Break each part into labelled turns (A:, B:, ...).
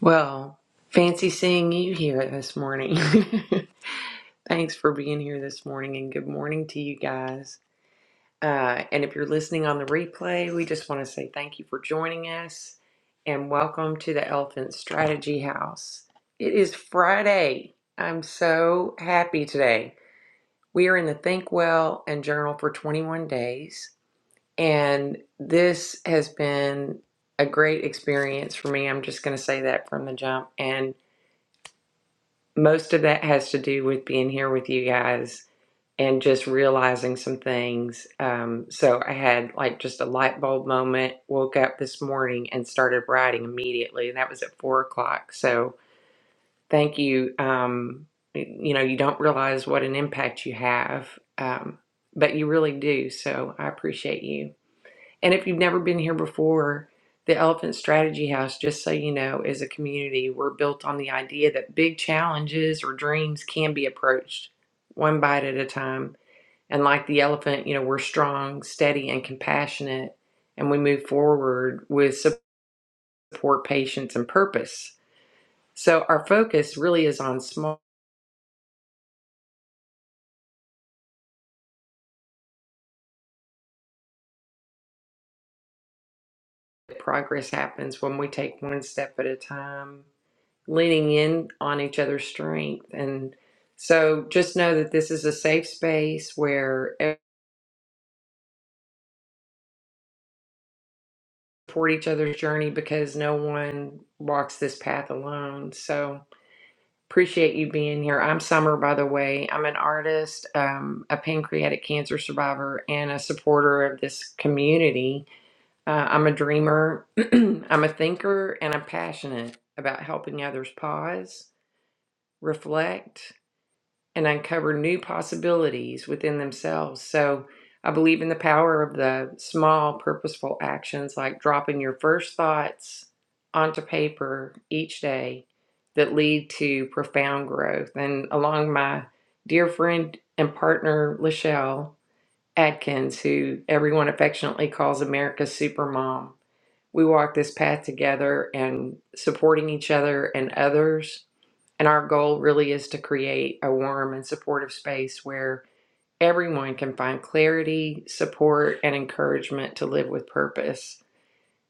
A: Well, fancy seeing you here this morning. Thanks for being here this morning and good morning to you guys. Uh, and if you're listening on the replay, we just want to say thank you for joining us and welcome to the Elephant Strategy House. It is Friday. I'm so happy today. We are in the Think Well and Journal for 21 days, and this has been a great experience for me. I'm just going to say that from the jump. And most of that has to do with being here with you guys and just realizing some things. Um, so I had like just a light bulb moment, woke up this morning and started writing immediately. And that was at four o'clock. So thank you. Um, you know, you don't realize what an impact you have, um, but you really do. So I appreciate you. And if you've never been here before, the Elephant Strategy House, just so you know, is a community. We're built on the idea that big challenges or dreams can be approached one bite at a time. And like the elephant, you know, we're strong, steady, and compassionate, and we move forward with support, patience, and purpose. So our focus really is on small progress happens when we take one step at a time leaning in on each other's strength. And so just know that this is a safe space where everyone support each other's journey because no one walks this path alone. So appreciate you being here. I'm Summer, by the way. I'm an artist, um, a pancreatic cancer survivor, and a supporter of this community. Uh, I'm a dreamer, I'm a thinker, and I'm passionate about helping others pause, reflect, and uncover new possibilities within themselves. So I believe in the power of the small, purposeful actions like dropping your first thoughts onto paper each day that lead to profound growth. And along my dear friend and partner, Lachelle Adkins, who everyone affectionately calls America's supermom, we walk this path together and supporting each other and others and our goal really is to create a warm and supportive space where everyone can find clarity, support, and encouragement to live with purpose.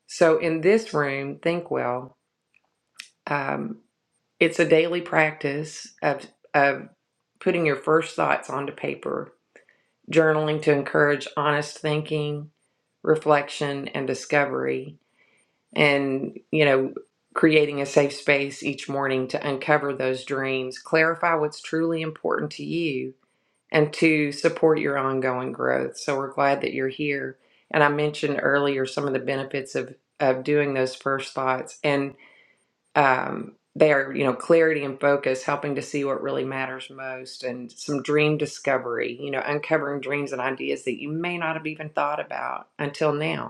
A: So, in this room, Think Well, um, it's a daily practice of, of putting your first thoughts onto paper, journaling to encourage honest thinking, reflection, and discovery and you know creating a safe space each morning to uncover those dreams clarify what's truly important to you and to support your ongoing growth so we're glad that you're here and i mentioned earlier some of the benefits of of doing those first thoughts and um they are you know clarity and focus helping to see what really matters most and some dream discovery you know uncovering dreams and ideas that you may not have even thought about until now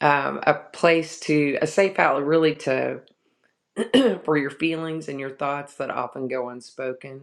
A: um, a place to a safe outlet really to for your feelings and your thoughts that often go unspoken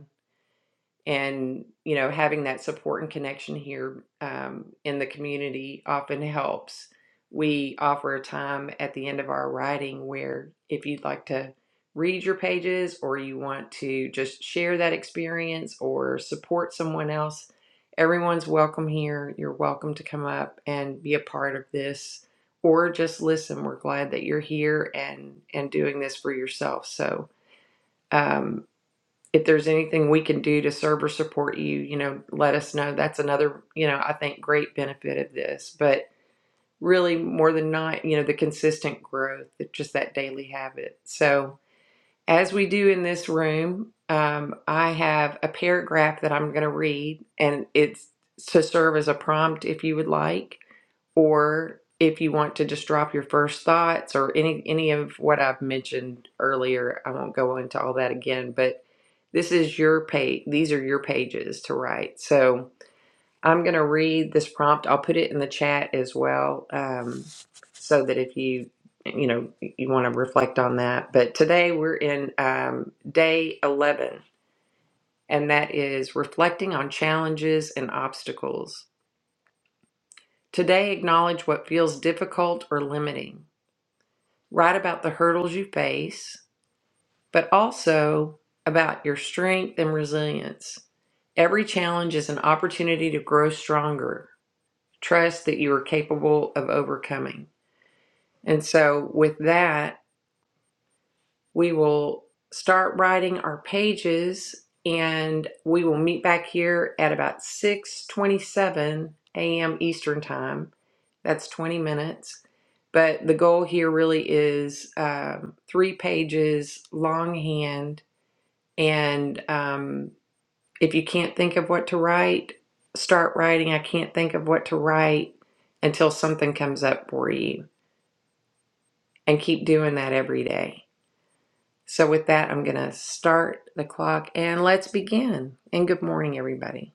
A: and you know having that support and connection here um, in the community often helps we offer a time at the end of our writing where if you'd like to read your pages or you want to just share that experience or support someone else everyone's welcome here you're welcome to come up and be a part of this or just listen we're glad that you're here and and doing this for yourself so um, if there's anything we can do to serve or support you, you know, let us know. That's another, you know, I think great benefit of this. But really, more than not, you know, the consistent growth, just that daily habit. So, as we do in this room, um, I have a paragraph that I'm going to read, and it's to serve as a prompt if you would like, or if you want to just drop your first thoughts or any any of what I've mentioned earlier. I won't go into all that again, but this is your page. These are your pages to write. So I'm going to read this prompt. I'll put it in the chat as well, um, so that if you you know you want to reflect on that. But today we're in um, day 11, and that is reflecting on challenges and obstacles. Today, acknowledge what feels difficult or limiting. Write about the hurdles you face but also about your strength and resilience. Every challenge is an opportunity to grow stronger. Trust that you are capable of overcoming. And so, with that, we will start writing our pages and we will meet back here at about 6:27 a.m. Eastern Time. That's 20 minutes. But the goal here really is um, three pages longhand And um, if you can't think of what to write, start writing. I can't think of what to write until something comes up for you. And keep doing that every day. So, with that, I'm going to start the clock and let's begin. And good morning, everybody.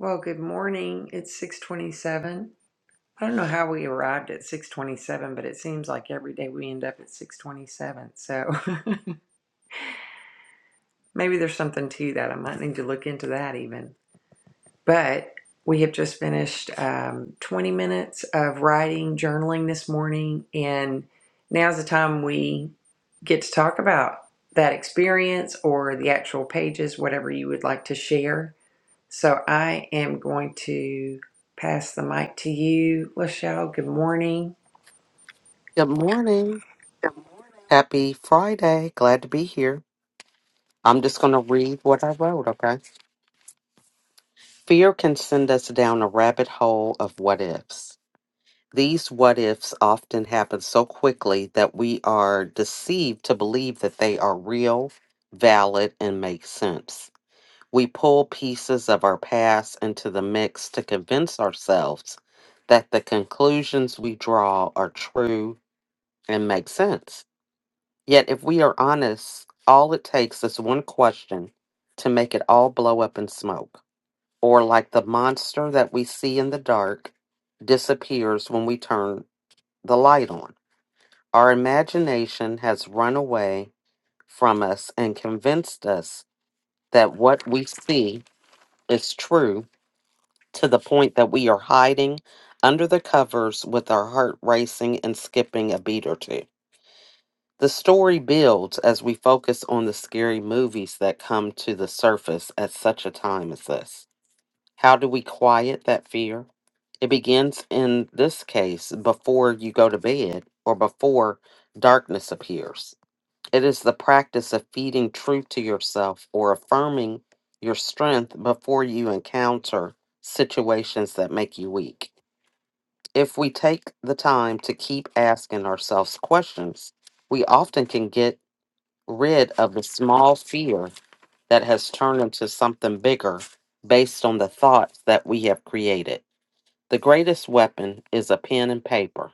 A: Well, good morning. It's 627. I don't know how we arrived at 627, but it seems like every day we end up at 627. So maybe there's something to that. I might need to look into that even. But we have just finished um, 20 minutes of writing, journaling this morning, and now's the time we get to talk about that experience or the actual pages, whatever you would like to share. So I am going to pass the mic to you, Lachelle. Good morning.
B: Good morning. Happy Friday. Glad to be here. I'm just going to read what I wrote, okay? Fear can send us down a rabbit hole of what ifs. These what ifs often happen so quickly that we are deceived to believe that they are real, valid, and make sense. We pull pieces of our past into the mix to convince ourselves that the conclusions we draw are true and make sense. Yet, if we are honest, all it takes is one question to make it all blow up in smoke. Or, like the monster that we see in the dark, disappears when we turn the light on. Our imagination has run away from us and convinced us that what we see is true to the point that we are hiding under the covers with our heart racing and skipping a beat or two. The story builds as we focus on the scary movies that come to the surface at such a time as this. How do we quiet that fear? It begins in this case before you go to bed or before darkness appears. It is the practice of feeding truth to yourself or affirming your strength before you encounter situations that make you weak. If we take the time to keep asking ourselves questions, we often can get rid of the small fear that has turned into something bigger based on the thoughts that we have created. The greatest weapon is a pen and paper.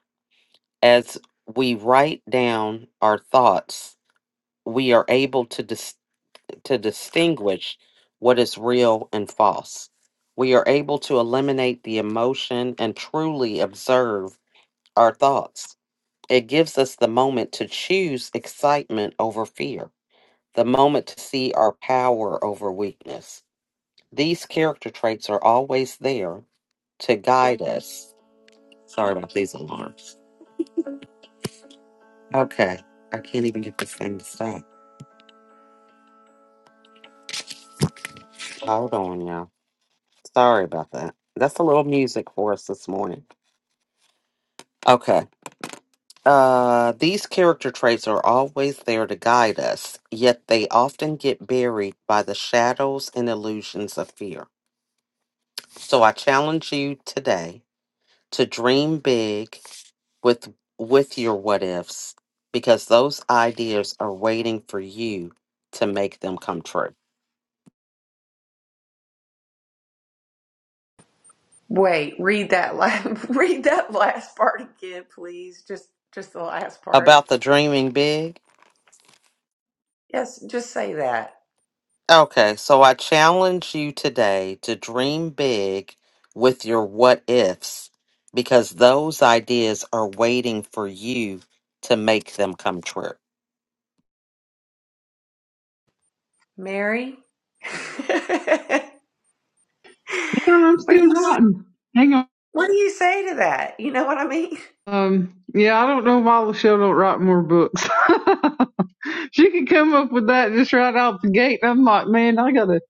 B: As we write down our thoughts, we are able to dis- to distinguish what is real and false. We are able to eliminate the emotion and truly observe our thoughts. It gives us the moment to choose excitement over fear the moment to see our power over weakness. These character traits are always there to guide us. Sorry about these alarms. Okay, I can't even get this thing to stop. Hold on, y'all. Sorry about that. That's a little music for us this morning. Okay. Uh, these character traits are always there to guide us, yet they often get buried by the shadows and illusions of fear. So I challenge you today to dream big with with your what ifs because those ideas are waiting for you to make them come true.
A: Wait, read that last, read that last part again, please. Just just the last part.
B: About the dreaming big?
A: Yes, just say that.
B: Okay, so I challenge you today to dream big with your what ifs because those ideas are waiting for you to make them come true.
A: Mary.
C: No, I'm
A: What do
C: still
A: you
C: writing. Hang on.
A: what do you say to that? You know what I mean?
C: Um, yeah, I don't know why Lachelle don't write more books. she could come up with that just right out the gate. I'm like, man, I gotta,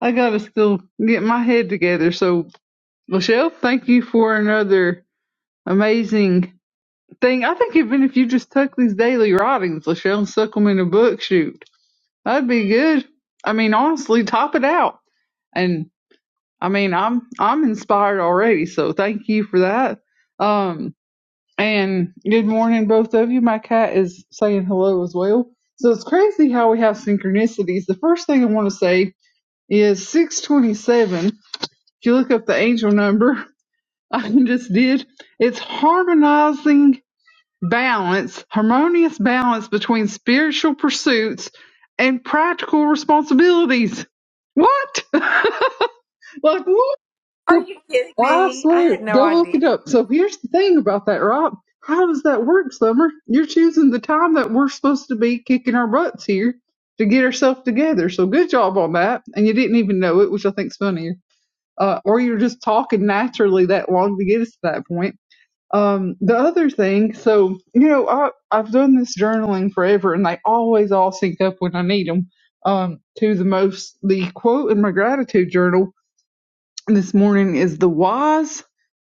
C: I gotta still get my head together. So, Lachelle, thank you for another amazing thing. I think even if you just took these daily writings, Lachelle, and stuck them in a book, shoot, that'd be good. I mean, honestly, top it out. And I mean, I'm, I'm inspired already. So thank you for that. Um, And good morning, both of you. My cat is saying hello as well. So it's crazy how we have synchronicities. The first thing I want to say is 627. If you look up the angel number, I just did. It's harmonizing balance, harmonious balance between spiritual pursuits and practical responsibilities. What? like what?
A: Are you kidding
C: I
A: me? I
C: swear,
A: had no
C: go look
A: idea.
C: it up. So here's the thing about that, Rob. How does that work, Summer? You're choosing the time that we're supposed to be kicking our butts here to get ourselves together. So good job on that. And you didn't even know it, which I think's funnier. Uh, or you're just talking naturally that long to get us to that point. Um, the other thing, so you know, I I've done this journaling forever, and they always all sync up when I need them. Um, to the most, the quote in my gratitude journal this morning is the wise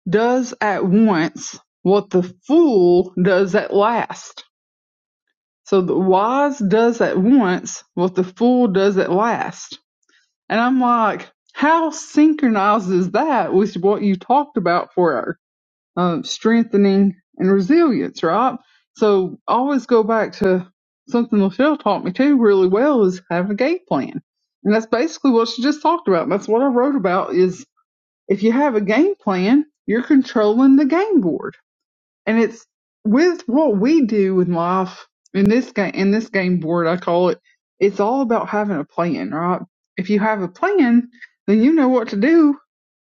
C: does at once what the fool does at last. So the wise does at once what the fool does at last. And I'm like, how synchronizes that with what you talked about for our um, strengthening and resilience, right? So I always go back to something Michelle taught me too really well is have a game plan. And that's basically what she just talked about. And that's what I wrote about is if you have a game plan, you're controlling the game board. And it's with what we do with life in this game in this game board I call it, it's all about having a plan, right? If you have a plan, then you know what to do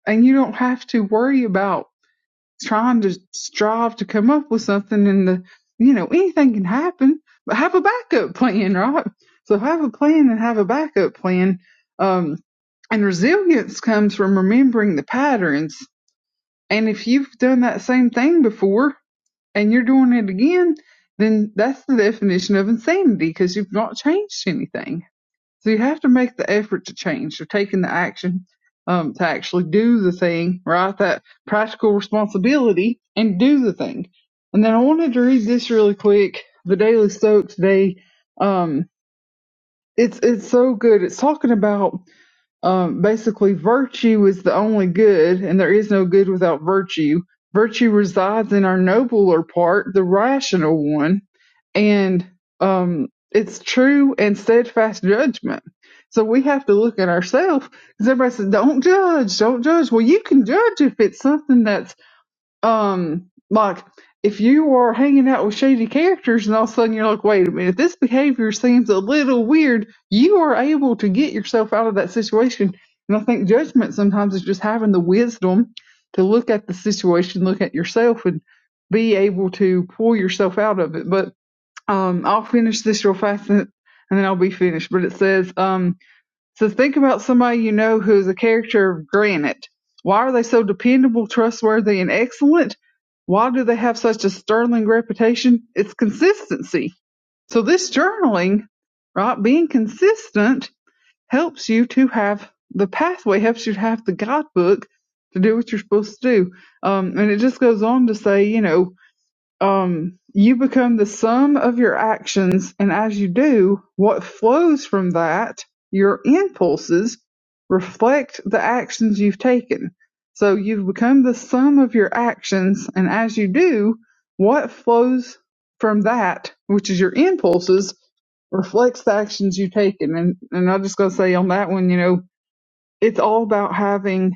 C: and you don't have to worry about trying to strive to come up with something and the you know, anything can happen, but have a backup plan, right? So have a plan and have a backup plan. Um, and resilience comes from remembering the patterns and if you've done that same thing before and you're doing it again, then that's the definition of insanity because you've not changed anything. So you have to make the effort to change, to taking the action, um, to actually do the thing, right? That practical responsibility and do the thing. And then I wanted to read this really quick. The Daily Stoic today. Um, it's, it's so good. It's talking about um, basically, virtue is the only good, and there is no good without virtue. Virtue resides in our nobler part, the rational one, and um, it's true and steadfast judgment. So we have to look at ourselves because everybody says, "Don't judge, don't judge." Well, you can judge if it's something that's um like if you are hanging out with shady characters and all of a sudden you're like wait a minute this behavior seems a little weird you are able to get yourself out of that situation and i think judgment sometimes is just having the wisdom to look at the situation look at yourself and be able to pull yourself out of it but um i'll finish this real fast and and then i'll be finished but it says um so think about somebody you know who is a character of granite. Why are they so dependable, trustworthy, and excellent? Why do they have such a sterling reputation? It's consistency. So this journaling, right, being consistent helps you to have the pathway, helps you to have the guidebook to do what you're supposed to do. Um, and it just goes on to say, you know, um, you become the sum of your actions, and as you do, what flows from that, your impulses, reflect the actions you've taken. So you've become the sum of your actions, and as you do, what flows from that, which is your impulses, reflects the actions you've taken. And and I just gotta say on that one, you know, it's all about having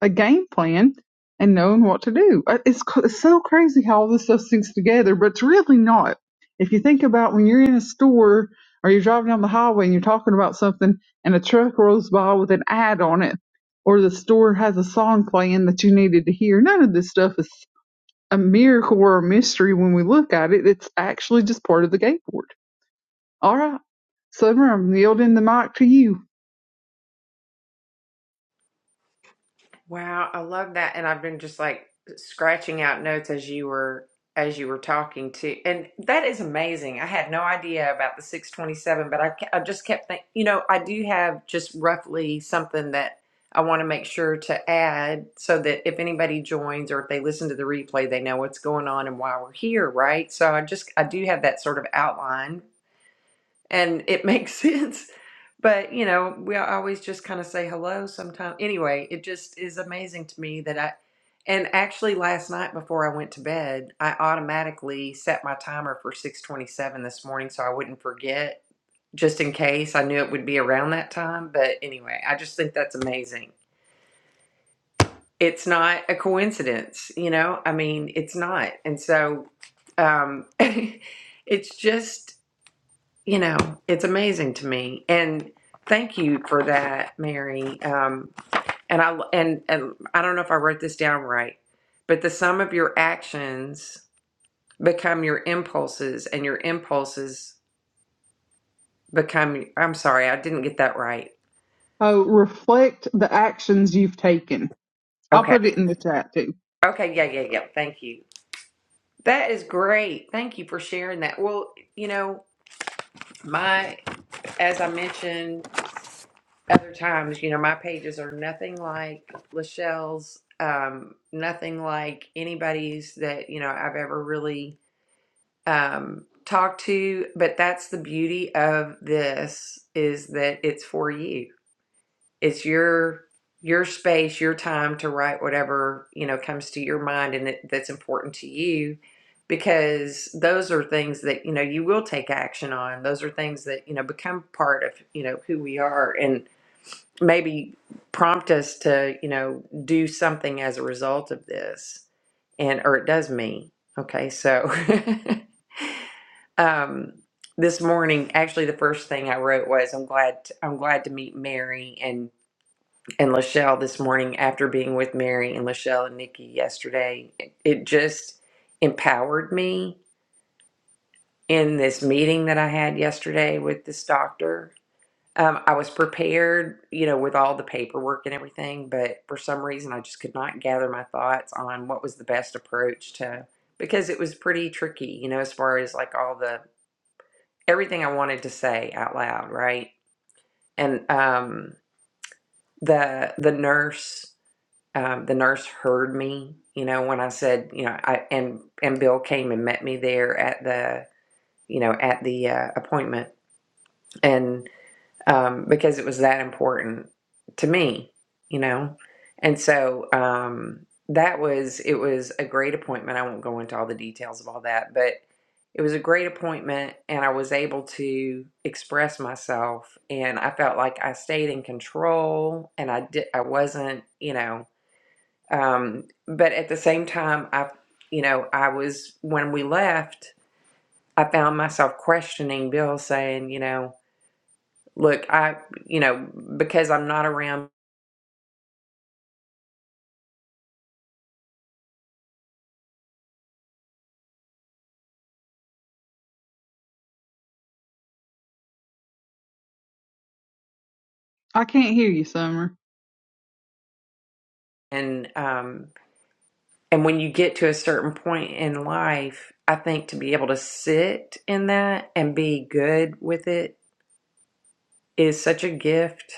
C: a game plan and knowing what to do. Uh, It's, it's so crazy how all this stuff syncs together, but it's really not. If you think about when you're in a store or you're driving down the highway and you're talking about something and a truck rolls by with an ad on it, or the store has a song playing that you needed to hear, none of this stuff is a miracle or a mystery when we look at it. It's actually just part of the game board. All right. Summer, I'm yielding the mic to you.
A: Wow, I love that. And I've been just like scratching out notes as you were as you were talking to. And that is amazing. I had no idea about the 627, but I ke- I just kept thinking. you know, I do have just roughly something that I want to make sure to add so that if anybody joins or if they listen to the replay, they know what's going on and why we're here, right? So I just I do have that sort of outline and it makes sense. But you know, we always just kind of say hello sometimes. Anyway, it just is amazing to me that I, and actually last night before I went to bed, I automatically set my timer for 6:27 this morning so I wouldn't forget, just in case. I knew it would be around that time, but anyway, I just think that's amazing. It's not a coincidence, you know? I mean, it's not. And so um it's just you know, it's amazing to me. And thank you for that, Mary. Um, and I and, and I don't know if I wrote this down right, but the sum of your actions become your impulses, and your impulses become. I'm sorry, I didn't get that right.
C: Uh, reflect the actions you've taken. I'll
A: Okay.
C: put it in the chat too.
A: Okay. Yeah. Yeah. Yeah. Thank you. That is great. Thank you for sharing that. Well, you know, my as I mentioned other times, you know, my pages are nothing like Lachelle's, um, nothing like anybody's that, you know, I've ever really um, talked to. But that's the beauty of this is that it's for you it's your your space your time to write whatever you know comes to your mind and that, that's important to you because those are things that you know you will take action on those are things that you know become part of you know who we are and maybe prompt us to you know do something as a result of this and or it does me okay so um this morning actually the first thing i wrote was i'm glad i'm glad to meet mary and and Lachelle this morning after being with Mary and Lachelle and Nikki yesterday. It it just empowered me in this meeting that I had yesterday with this doctor. Um, I was prepared, you know, with all the paperwork and everything, but for some reason I just could not gather my thoughts on what was the best approach to because it was pretty tricky, you know, as far as like all the everything I wanted to say out loud, right? And um, the the nurse um, the nurse heard me you know when i said you know i and and bill came and met me there at the you know at the uh, appointment and um, because it was that important to me you know and so um, that was it was a great appointment i won't go into all the details of all that but it was a great appointment and i was able to express myself and i felt like i stayed in control and i did i wasn't you know um, but at the same time, I, you know, I was, when we left, I found myself questioning Bill saying, you know, look, I, you know, because I'm not around
C: I can't hear you, Summer.
A: and, um, and when you get to a certain point in life, I think to be able to sit in that and be good with it is such a gift.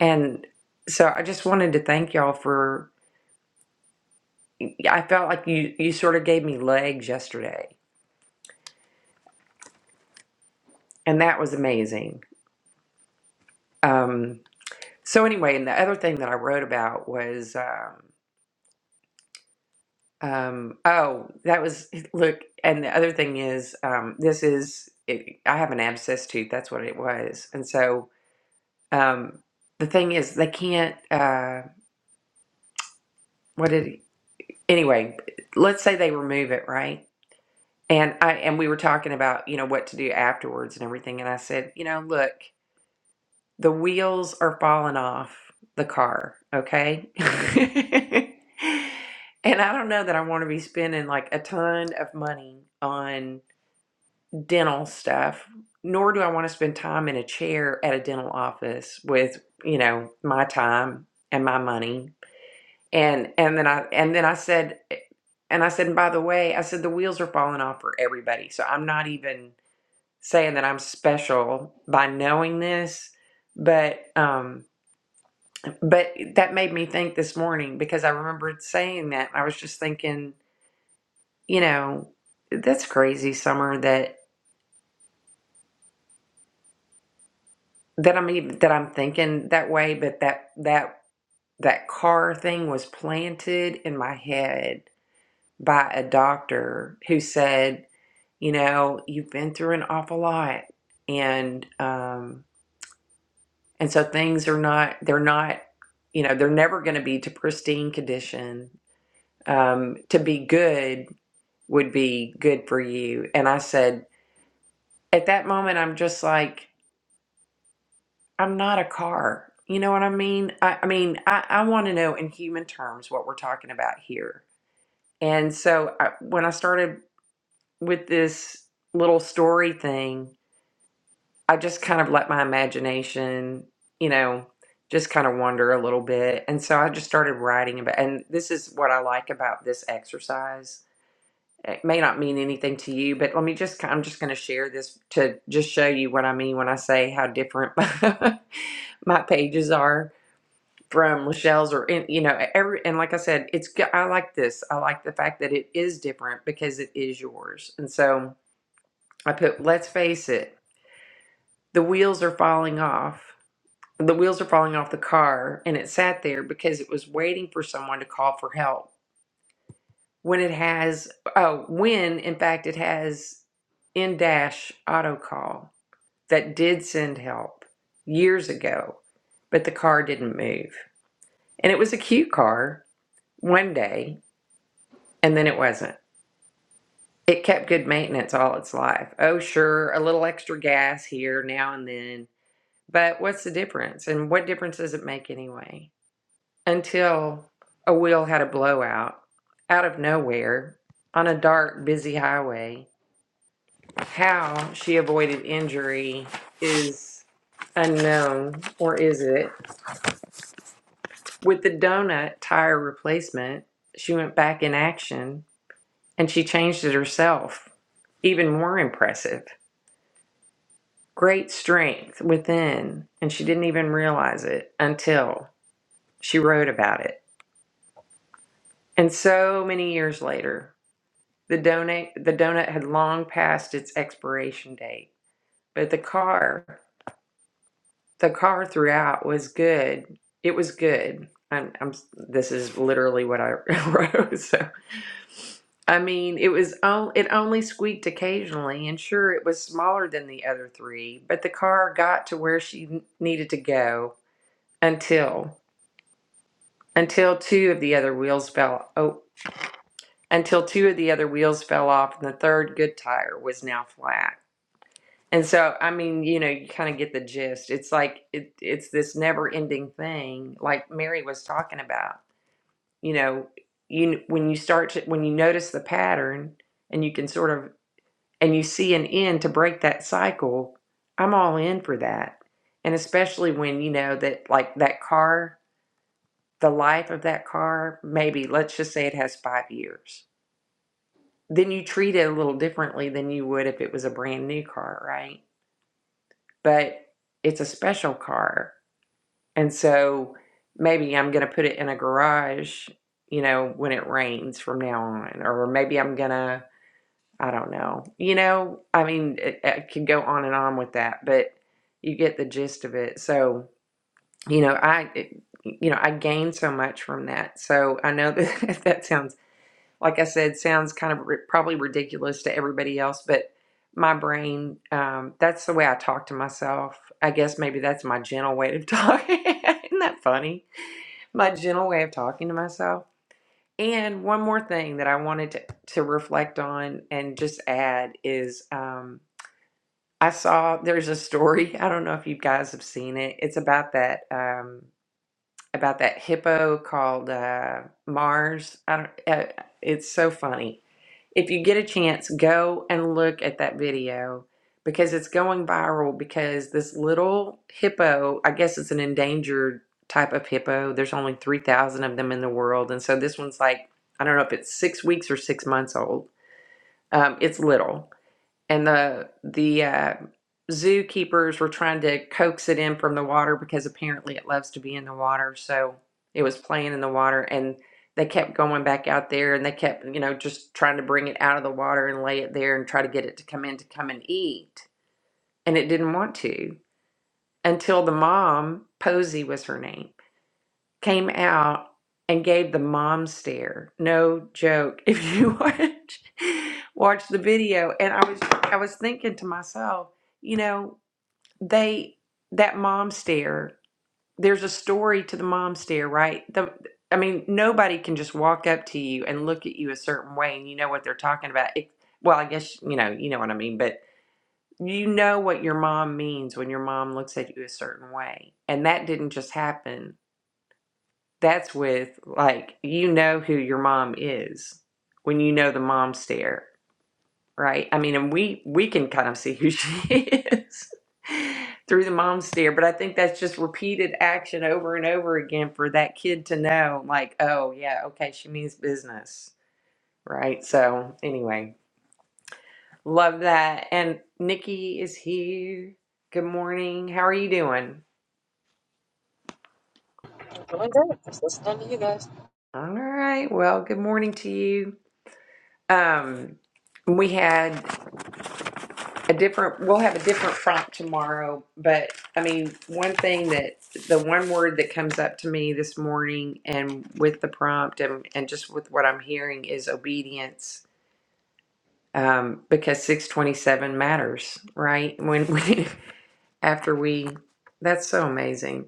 A: And so I just wanted to thank y'all for, I felt like you, you sort of gave me legs yesterday and that was amazing. Um, So anyway, and the other thing that I wrote about was um, um, oh, that was eh, look, and the other thing is um, this is it, I have an abscess tooth. That's what it was, and so um, the thing is they can't. Uh, what did he, anyway? Let's say they remove it, right? And I and we were talking about you know what to do afterwards and everything, and I said you know look. the wheels are falling off the car, okay? and I don't know that I want to be spending like a ton of money on dental stuff, nor do I want to spend time in a chair at a dental office with, you know, my time and my money. And and then I and then I said and I said, and by the way, I said the wheels are falling off for everybody. So I'm not even saying that I'm special by knowing this, but um but that made me think this morning because I remembered saying that. I was just thinking, you know, that's crazy, Summer, that that I'm even that I'm thinking that way, but that that that car thing was planted in my head by a doctor who said, you know, you've been through an awful lot and um and so things are not they're not you know, they're never going to be to pristine condition um to be good would be good for you. And I said, at that moment, I'm just like, I'm not a car. You know what I mean? I, I mean, I, I want to know in human terms what we're talking about here. And so I, when I started with this little story thing, I just kind of let my imagination, you know, just kind of wander a little bit. And so I just started writing about, and this is what I like about this exercise it may not mean anything to you, but let me just, I'm just going to share this to just show you what I mean when I say how different my, pages are from Lachelle's or, in, you know, every, and like I said, it's, go- I like this. I like the fact that it is different because it is yours. And so I put, let's face it, the wheels are falling off. The wheels are falling off the car and it sat there because it was waiting for someone to call for help when it has oh when in fact it has in dash auto call that did send help years ago but the car didn't move and it was a cute car one day and then it wasn't it kept good maintenance all its life oh sure a little extra gas here now and then but what's the difference and what difference does it make anyway until a wheel had a blowout out of nowhere on a dark busy highway How she avoided injury is unknown, or is it? With the donut tire replacement, she went back in action and she changed it herself. Even more impressive. Great strength within, and she didn't even realize it until she wrote about it. And so many years later, the donut the donut had long passed its expiration date, but the car the car throughout was good. It was good. I'm, I'm this is literally what I wrote. So I mean, it was on, it only squeaked occasionally, and sure, it was smaller than the other three, but the car got to where she n- needed to go until until two of the other wheels fell. Oh, until two of the other wheels fell off, and the third good tire was now flat. And so, I mean, you know, you kind of get the gist. It's like it, it's this never-ending thing, like Mary was talking about. You know, you when you start to when you notice the pattern and you can sort of and you see an end to break that cycle. I'm all in for that, and especially when you know that like that car, the life of that car, maybe let's just say it has five years. Then you treat it a little differently than you would if it was a brand new car, right? But it's a special car And so maybe I'm going to put it in a garage, you know, when it rains from now on. Or maybe I'm going to, I don't know. You know, I mean, it, it can go on and on with that, but you get the gist of it. So, you know, I, it- you know, I gain so much from that. So I know that that sounds, like I said, sounds kind of ri probably ridiculous to everybody else, but my brain, um, that's the way I talk to myself. I guess maybe that's my gentle way of talking. Isn't that funny? my gentle way of talking to myself. And one more thing that I wanted to, to reflect on and just add is um, I saw there's a story. I don't know if you guys have seen it. It's about that um, about that hippo called uh, Mars. I don't, uh, it's so funny. If you get a chance, go and look at that video because it's going viral because this little hippo, I guess it's an endangered type of hippo. There's only 3,000 of them in the world. And so this one's like, I don't know if it's six weeks or six months old. Um, it's little and the the uh, zookeepers were trying to coax it in from the water because apparently it loves to be in the water. So it was playing in the water, and they kept going back out there, and they kept you know just trying to bring it out of the water and lay it there and try to get it to come in to come and eat, and it didn't want to until the mom Posey was her name came out and gave the mom stare. No joke. If you watch watch the video, and I was I was thinking to myself, you know, they that mom stare. There's a story to the mom stare, right? The I mean, nobody can just walk up to you and look at you a certain way, and you know what they're talking about. It, well, I guess you know you know what I mean, but you know what your mom means when your mom looks at you a certain way, and that didn't just happen that's with, like, you know who your mom is when you know the mom stare, right? I mean, and we, we can kind of see who she is through the mom stare, but I think that's just repeated action over and over again for that kid to know, like, oh, yeah, okay, she means business, right? So, anyway, love that. And Nikki is here. Good morning. How are you doing?
D: Doing good. Just listening to you guys.
A: All right. Well, good morning to you. Um, we had a different we'll have a different prompt tomorrow but i mean one thing that the one word that comes up to me this morning and with the prompt and, and just with what i'm hearing is obedience um, because 627 matters right when we after we that's so amazing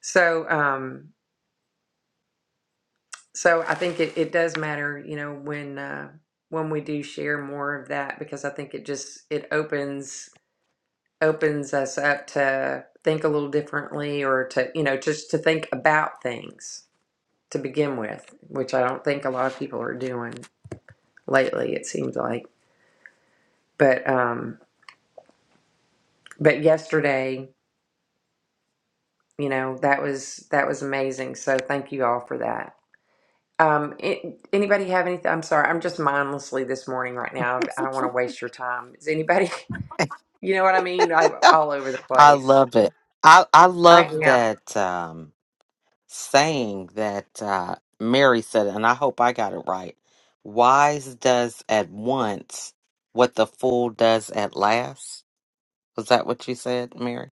A: so um so i think it, it does matter you know when uh when we do share more of that because i think it just it opens opens us up to think a little differently or to you know just to think about things to begin with which i don't think a lot of people are doing lately it seems like but um but yesterday you know that was that was amazing so thank you all for that um a- anybody have anything i'm sorry i'm just mindlessly this morning right now i don't want to waste your time is anybody you know what i mean i'm all over the
B: I
A: place
B: love it. I I
A: i
B: love
A: am
B: that um saying that uh, Mary said, and I hope I got it right. Wise does at once what the fool does at last. Was that what you said, Mary?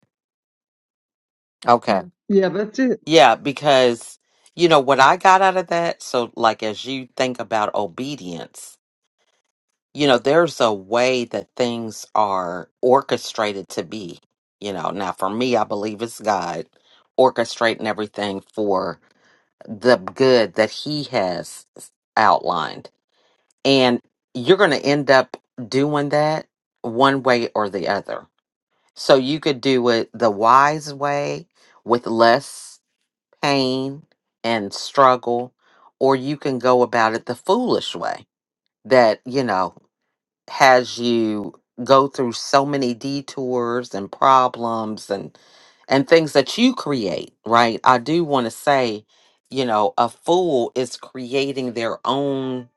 B: Okay. Mhm.
C: Yeah, that's it.
B: Yeah, because, you know, what I got out of that, so like as you think about obedience, you know, there's a way that things are orchestrated to be. You know, now for me, I believe it's God orchestrating everything for the good that he has outlined. And you're going to end up doing that one way or the other. So you could do it the wise way with less pain and struggle, or you can go about it the foolish way that, you know, has you go through so many detours and problems and and things that you create, right? I do want to say, you know, a fool is creating their own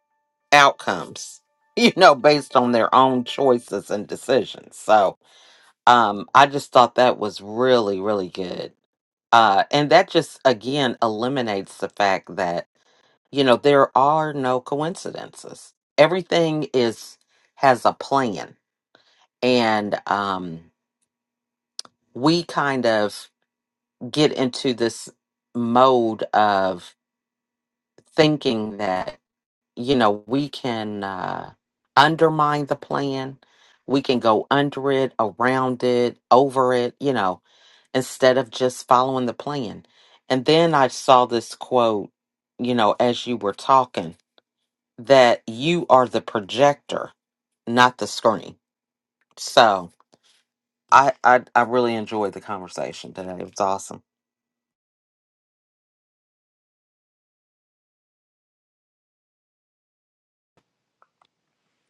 B: outcomes, you know, based on their own choices and decisions. So, um I just thought that was really really good. Uh, and that just again eliminates the fact that you know there are no coincidences. Everything is has a plan and um, we kind of get into this mode of thinking that you know we can uh, undermine the plan we can go under it around it over it you know instead of just following the plan and then i saw this quote you know as you were talking that you are the projector not the screen so i i, I really enjoyed the conversation today it was awesome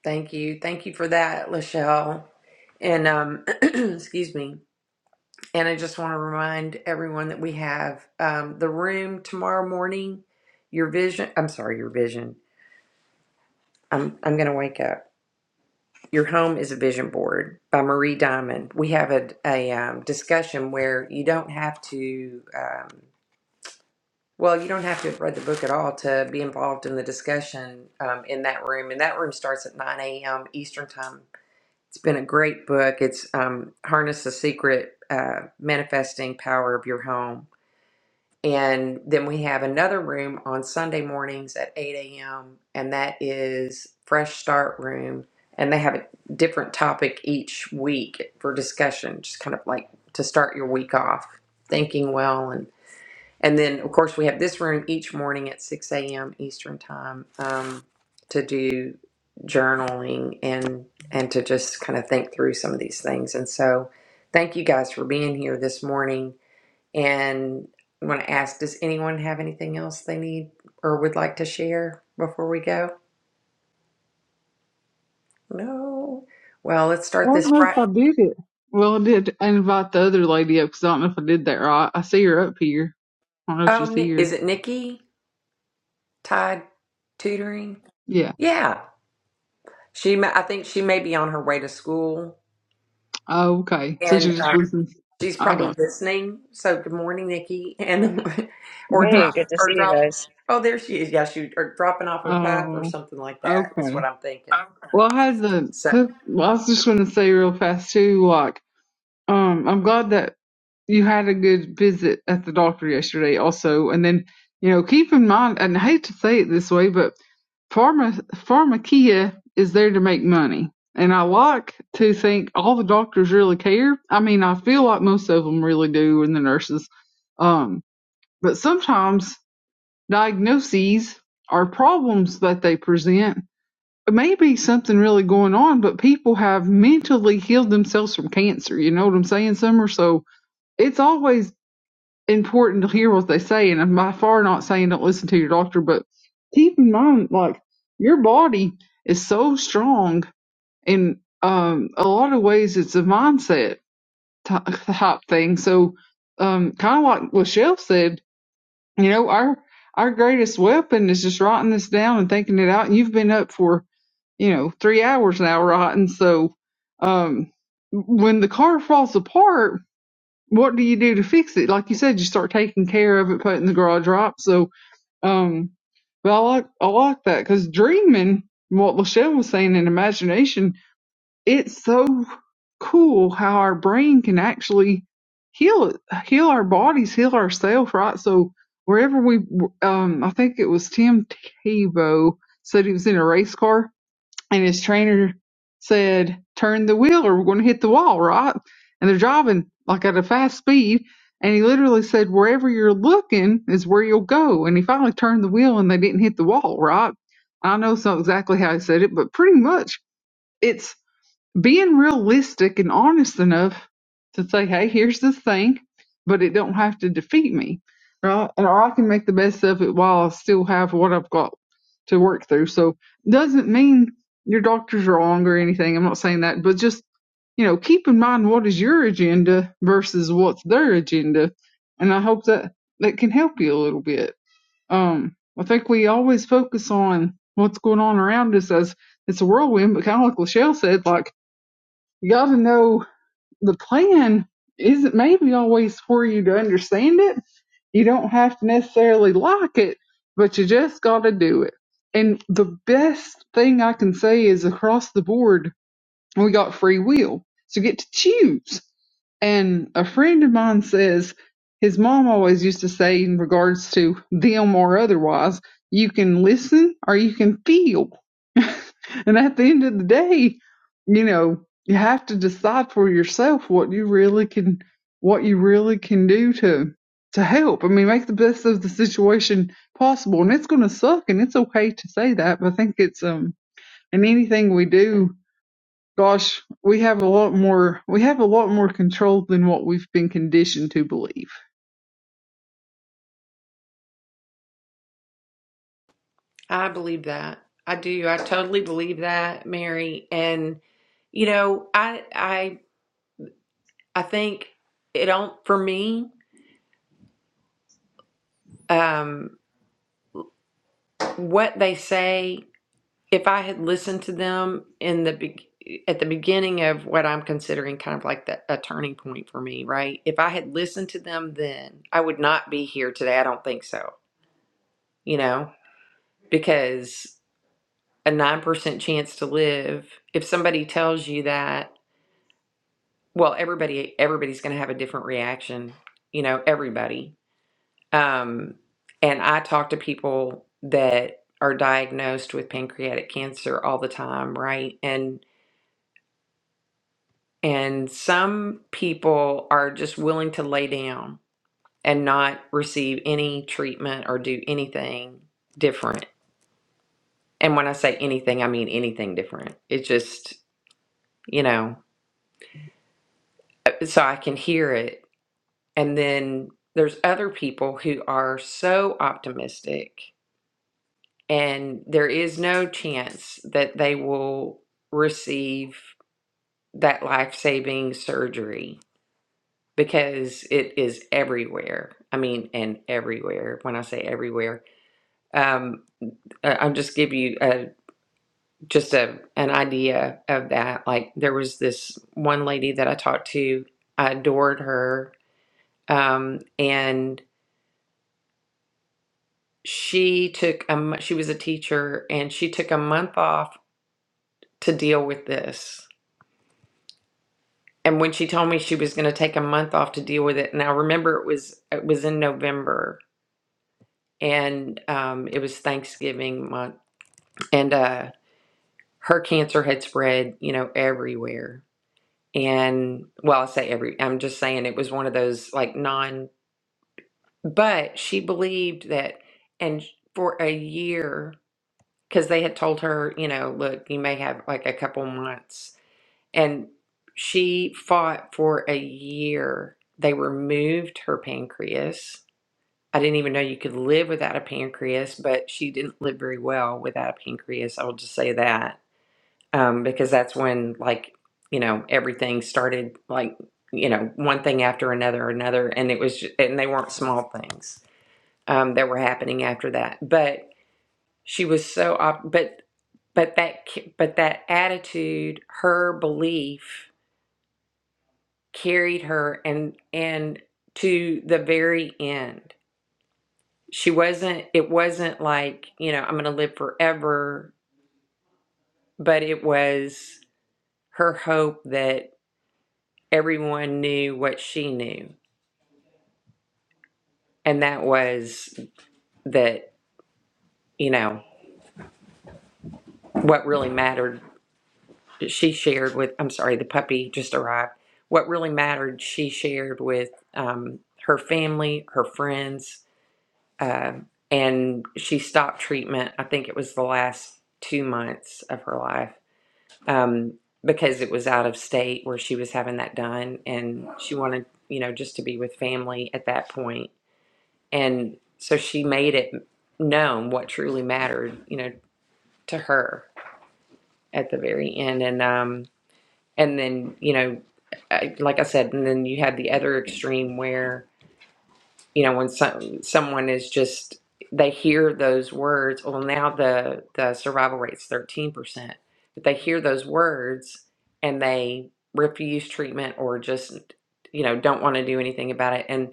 A: Thank you. Thank you for that, Lachelle. And um, excuse me. And I just want to remind everyone that we have um, the room tomorrow morning. Your vision, I'm sorry, your vision. I'm, I'm going to wake up. Your home is a vision board by Marie Diamond. We have a, a um, discussion where you don't have to, um, well, you don't have to have read the book at all to be involved in the discussion um, in that room. And that room starts at 9 a.m. Eastern Time It's been a great book. It's um, Harness the Secret uh, Manifesting Power of Your Home. And then we have another room on Sunday mornings at 8 a.m., and that is Fresh Start Room. And they have a different topic each week for discussion, just kind of like to start your week off thinking well and. And then, of course, we have this room each morning at 6 a.m. Eastern Time um, to do journaling and and to just kind of think through some of these things. And so, thank you guys for being here this morning. And I want to ask, does anyone have anything else they need or would like to share before we go? No. Well, let's
C: I
A: start
C: don't
A: this
C: know if
A: right.
C: I did it. Well, I did invite the other lady up because I don't know if I did that right. I see her up here. I don't know if
A: Oh,
C: she's
A: Ni-
C: here.
A: is it Nikki Tide tutoring?
C: Yeah.
A: Yeah, she. ma- I think she may be on her way to school.
C: Oh, okay. So she
A: And
C: just listens.
A: She's
C: I
A: probably
C: got
A: listening. So good morning, Nikki, and
C: you.
A: or
D: Hey,
A: drop
D: good to
A: or
D: see you
A: drop.
D: guys.
A: Oh, there she is. Yeah, she or dropping off her pup or
C: oh,
A: something like that is
C: okay.
A: what I'm thinking.
C: Well, I had the,
A: So
C: 'cause- well, I was just going to say real fast too, like, Um, I'm glad that you had a good visit at the doctor yesterday also. And then, you know, keep in mind, and I hate to say it this way, but pharma, pharmacia is there to make money. And I like to think all the doctors really care. I mean, I feel like most of them really do and the nurses. Um, but sometimes diagnoses are problems that they present. It may be something really going on, but people have mentally healed themselves from cancer. You know what I'm saying, Summer? So, it's always important to hear what they say, and I'm by far not saying don't listen to your doctor, but keep in mind, like, your body is so strong in um, a lot of ways, it's a mindset ty- type thing. So, um, kind of like Michelle said, you know, our our greatest weapon is just writing this down and thinking it out. And you've been up for you know, three hours now, writing. so, um, when the car falls apart, what do you do to fix it? Like you said, you start taking care of it, putting the garage up. So, um, but I like I like that because dreaming, what Lachelle was saying in imagination, it's so cool how our brain can actually heal it, heal our bodies, heal ourselves, right? So wherever we, um, I think it was Tim Tebow said he was in a race car and his trainer said, "Turn the wheel, or we're going to hit the wall, right?" And they're driving like at a fast speed, and he literally said, "Wherever you're looking is where you'll go." And he finally turned the wheel, and they didn't hit the wall, right? I know it's not exactly how he said it, but pretty much it's being realistic and honest enough to say, hey, here's the thing, but it don't have to defeat me, right? And or I can make the best of it while I still have what I've got to work through. So doesn't mean your doctor's wrong or anything. I'm not saying that, but just you know, keep in mind what is your agenda versus what's their agenda, and I hope that that can help you a little bit. Um, I think we always focus on what's going on around us as it's a whirlwind, but kind of like Lachelle said, like you got to know the plan isn't maybe always for you to understand it. You don't have to necessarily like it, but you just got to do it. And the best thing I can say is across the board, we got free will to get to choose. And a friend of mine says his mom always used to say, in regards to them or otherwise, you can listen or you can feel. and at the end of the day, you know, you have to decide for yourself what you really can, what you really can do to, to help. I mean, make the best of the situation possible. And it's going to suck and it's okay to say that, but I think it's, um, in anything we do, Gosh, we have a lot more we have a lot more control than what we've been conditioned to believe.
A: I believe that. I do. I totally believe that, Mary. And you know, I I I think it don't for me. Um, what they say if I had listened to them in the be- at the beginning of what I'm considering kind of like the, a turning point for me, right? If I had listened to them then, I would not be here today. I don't think so, you know, because a 9% chance to live, if somebody tells you that, well, everybody everybody's going to have a different reaction, you know, everybody. Um and I talk to people that are diagnosed with pancreatic cancer all the time, right? And And some people are just willing to lay down and not receive any treatment or do anything different. And when I say anything, I mean anything different. It just, you know, so I can hear it. And then there's other people who are so optimistic, and there is no chance that they will receive that life saving surgery because it is everywhere. I mean, and everywhere. When I say everywhere, um, I- I'll just give you uh just a an idea of that. Like there was this one lady that I talked to. I adored her, um, and she took a mo- she was a teacher, and she took a month off to deal with this. And when she told me she was going to take a month off to deal with it, and I remember it was it was in November, and um, it was Thanksgiving month and uh, her cancer had spread, you know, everywhere. And well, I say every, I'm just saying it was one of those like non, but she believed that, and for a year, because they had told her, you know, look, you may have like a couple months. And she fought for a year. They removed her pancreas. I didn't even know you could live without a pancreas, but she didn't live very well without a pancreas. I'll just say that um, because that's when like you know everything started like you know one thing after another another and it was ju- and they weren't small things um, that were happening after that but she was so op- but but that ki- but that attitude her belief carried her and and to the very end she wasn't it wasn't like you know i'm going to live forever but it was her hope that. everyone knew what she knew. And that was that, you know, what really mattered, she shared with, I'm sorry, the puppy just arrived. What really mattered, she shared with um, her family, her friends, uh, and she stopped treatment. I think it was the last two months of her life um, because it was out of state where she was having that done. And she wanted, you know, just to be with family at that point and so she made it known what truly mattered you know to her at the very end and um and then you know I- like i said and then you had the other extreme where you know when some someone is just they hear those words well now the the survival rate's 13% but they hear those words and they refuse treatment or just you know don't want to do anything about it And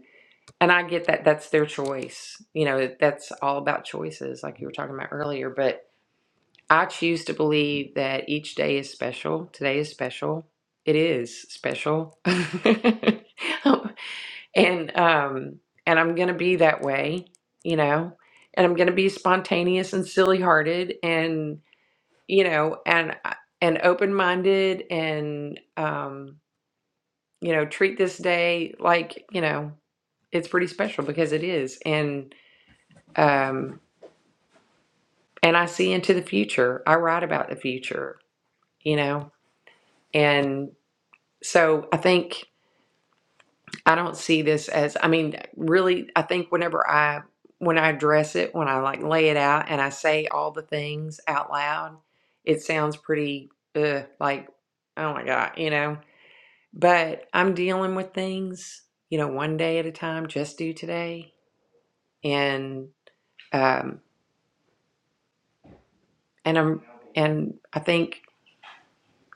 A: and I get that that's their choice. You know, that's all about choices, like you were talking about earlier. But I choose to believe that each day is special. Today is special. It is special, and um, and I'm gonna be that way. You know, and I'm gonna be spontaneous and silly hearted, and you know, and uh, and open minded, and um, you know, treat this day like you know it's pretty special because it is, and um, and I see into the future. I write about the future, you know, and so I think I don't see this as. I mean, really, I think whenever I when I address it, when I like lay it out, and I say all the things out loud, it sounds pretty uh, like oh my god, you know. But I'm dealing with things, you know, one day at a time. Just do today, and um, and I'm and I think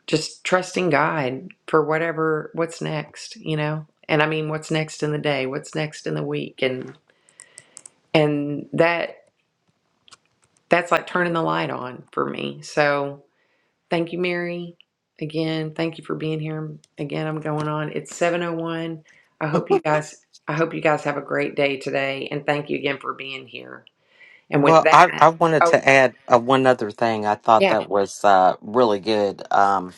A: just trusting God for whatever what's next, you know? And I mean what's next in the day, what's next in the week and and that that's like turning the light on for me. So, thank you Mary again. Thank you for being here. Again, I'm going on. It's 701. I hope you guys I hope you guys have a great day today and thank you again for being here. And with
B: Well, I,
A: that,
B: I wanted
A: oh
B: to add uh, one other thing. I
A: yeah.
B: thought that was uh, really good, um,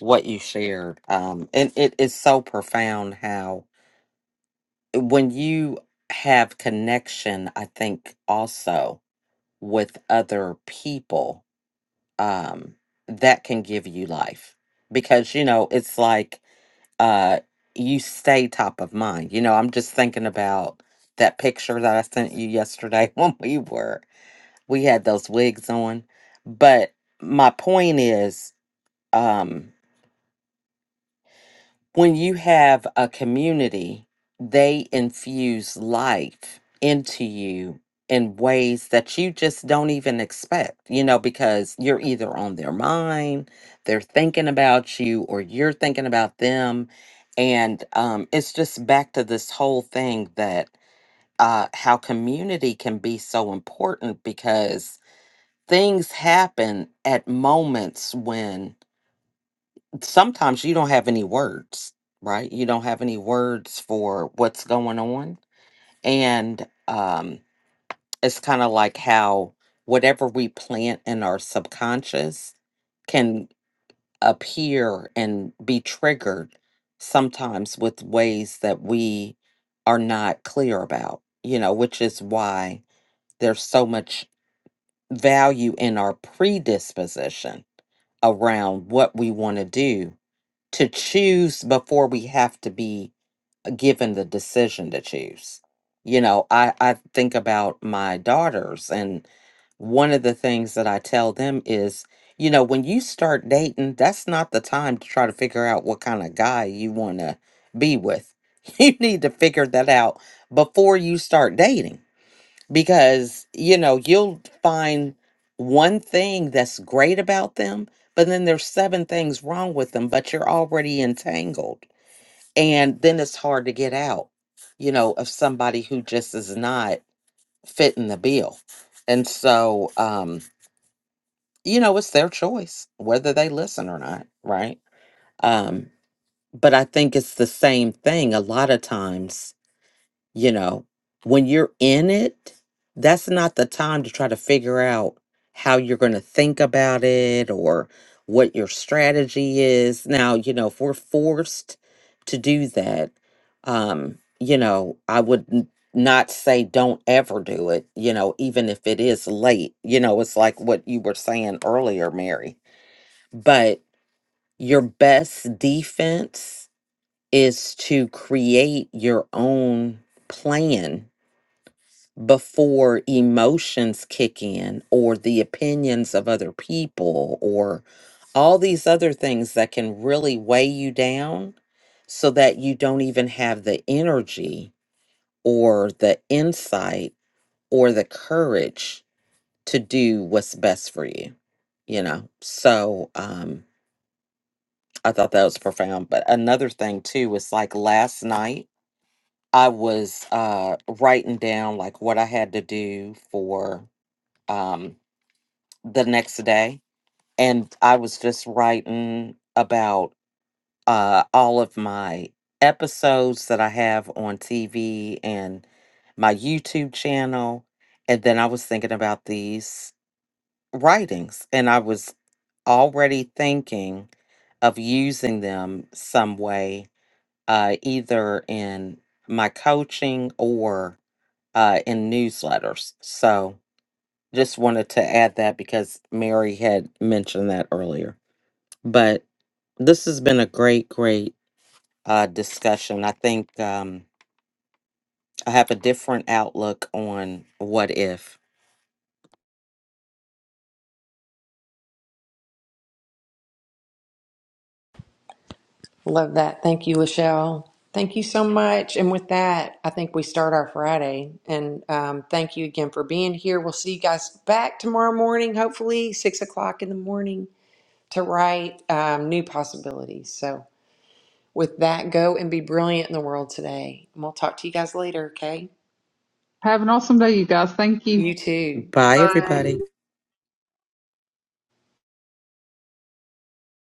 B: what you shared. Um, and it is so profound how when you have connection, I think also with other people, um, that can give you life. Because, you know, it's like uh you stay top of mind. You know, I'm just thinking about that picture that I sent you yesterday when we were we had those wigs on. But my point is, um when you have a community, they infuse life into you in ways that you just don't even expect, you know, because you're either on their mind, they're thinking about you, or you're thinking about them. And um, it's just back to this whole thing that uh, how community can be so important because things happen at moments when sometimes you don't have any words, right? You don't have any words for what's going on. And um, it's kind of like how whatever we plant in our subconscious can appear and be triggered sometimes with ways that we are not clear about, you know, which is why there's so much value in our predisposition around what we want to do to choose before we have to be given the decision to choose. You know, I, I think about my daughters, and one of the things that I tell them is, you know, when you start dating, that's not the time to try to figure out what kind of guy you want to be with. You need to figure that out before you start dating because you know you'll find one thing that's great about them but then there's seven things wrong with them but you're already entangled and then it's hard to get out you know of somebody who just is not fitting the bill and so um you know it's their choice whether they listen or not right um but i think it's the same thing a lot of times you know when you're in it that's not the time to try to figure out how you're going to think about it or what your strategy is now you know if we're forced to do that um you know i would n- not say don't ever do it you know even if it is late you know it's like what you were saying earlier mary but your best defense is to create your own plan before emotions kick in or the opinions of other people or all these other things that can really weigh you down so that you don't even have the energy or the insight or the courage to do what's best for you you know so um i thought that was profound but another thing too was like last night i was uh writing down like what i had to do for um the next day and I was just writing about uh all of my episodes that I have on TV and my YouTube channel and then I was thinking about these writings and I was already thinking of using them some way uh either in my coaching or uh in newsletters. So just wanted to add that because Mary had mentioned that earlier. But this has been a great, great uh, discussion. I think um, I have a different outlook on what if.
A: Love that. Thank you, Lachelle. Thank you so much. And with that, I think we start our Friday. And um, thank you again for being here. We'll see you guys back tomorrow morning, hopefully six o'clock in the morning, to write um, new possibilities. So with that, go and be brilliant in the world today. And we'll talk to you guys later. Okay.
C: Have an awesome day, you guys. Thank you.
A: You too.
B: Bye,
D: Bye.
B: everybody.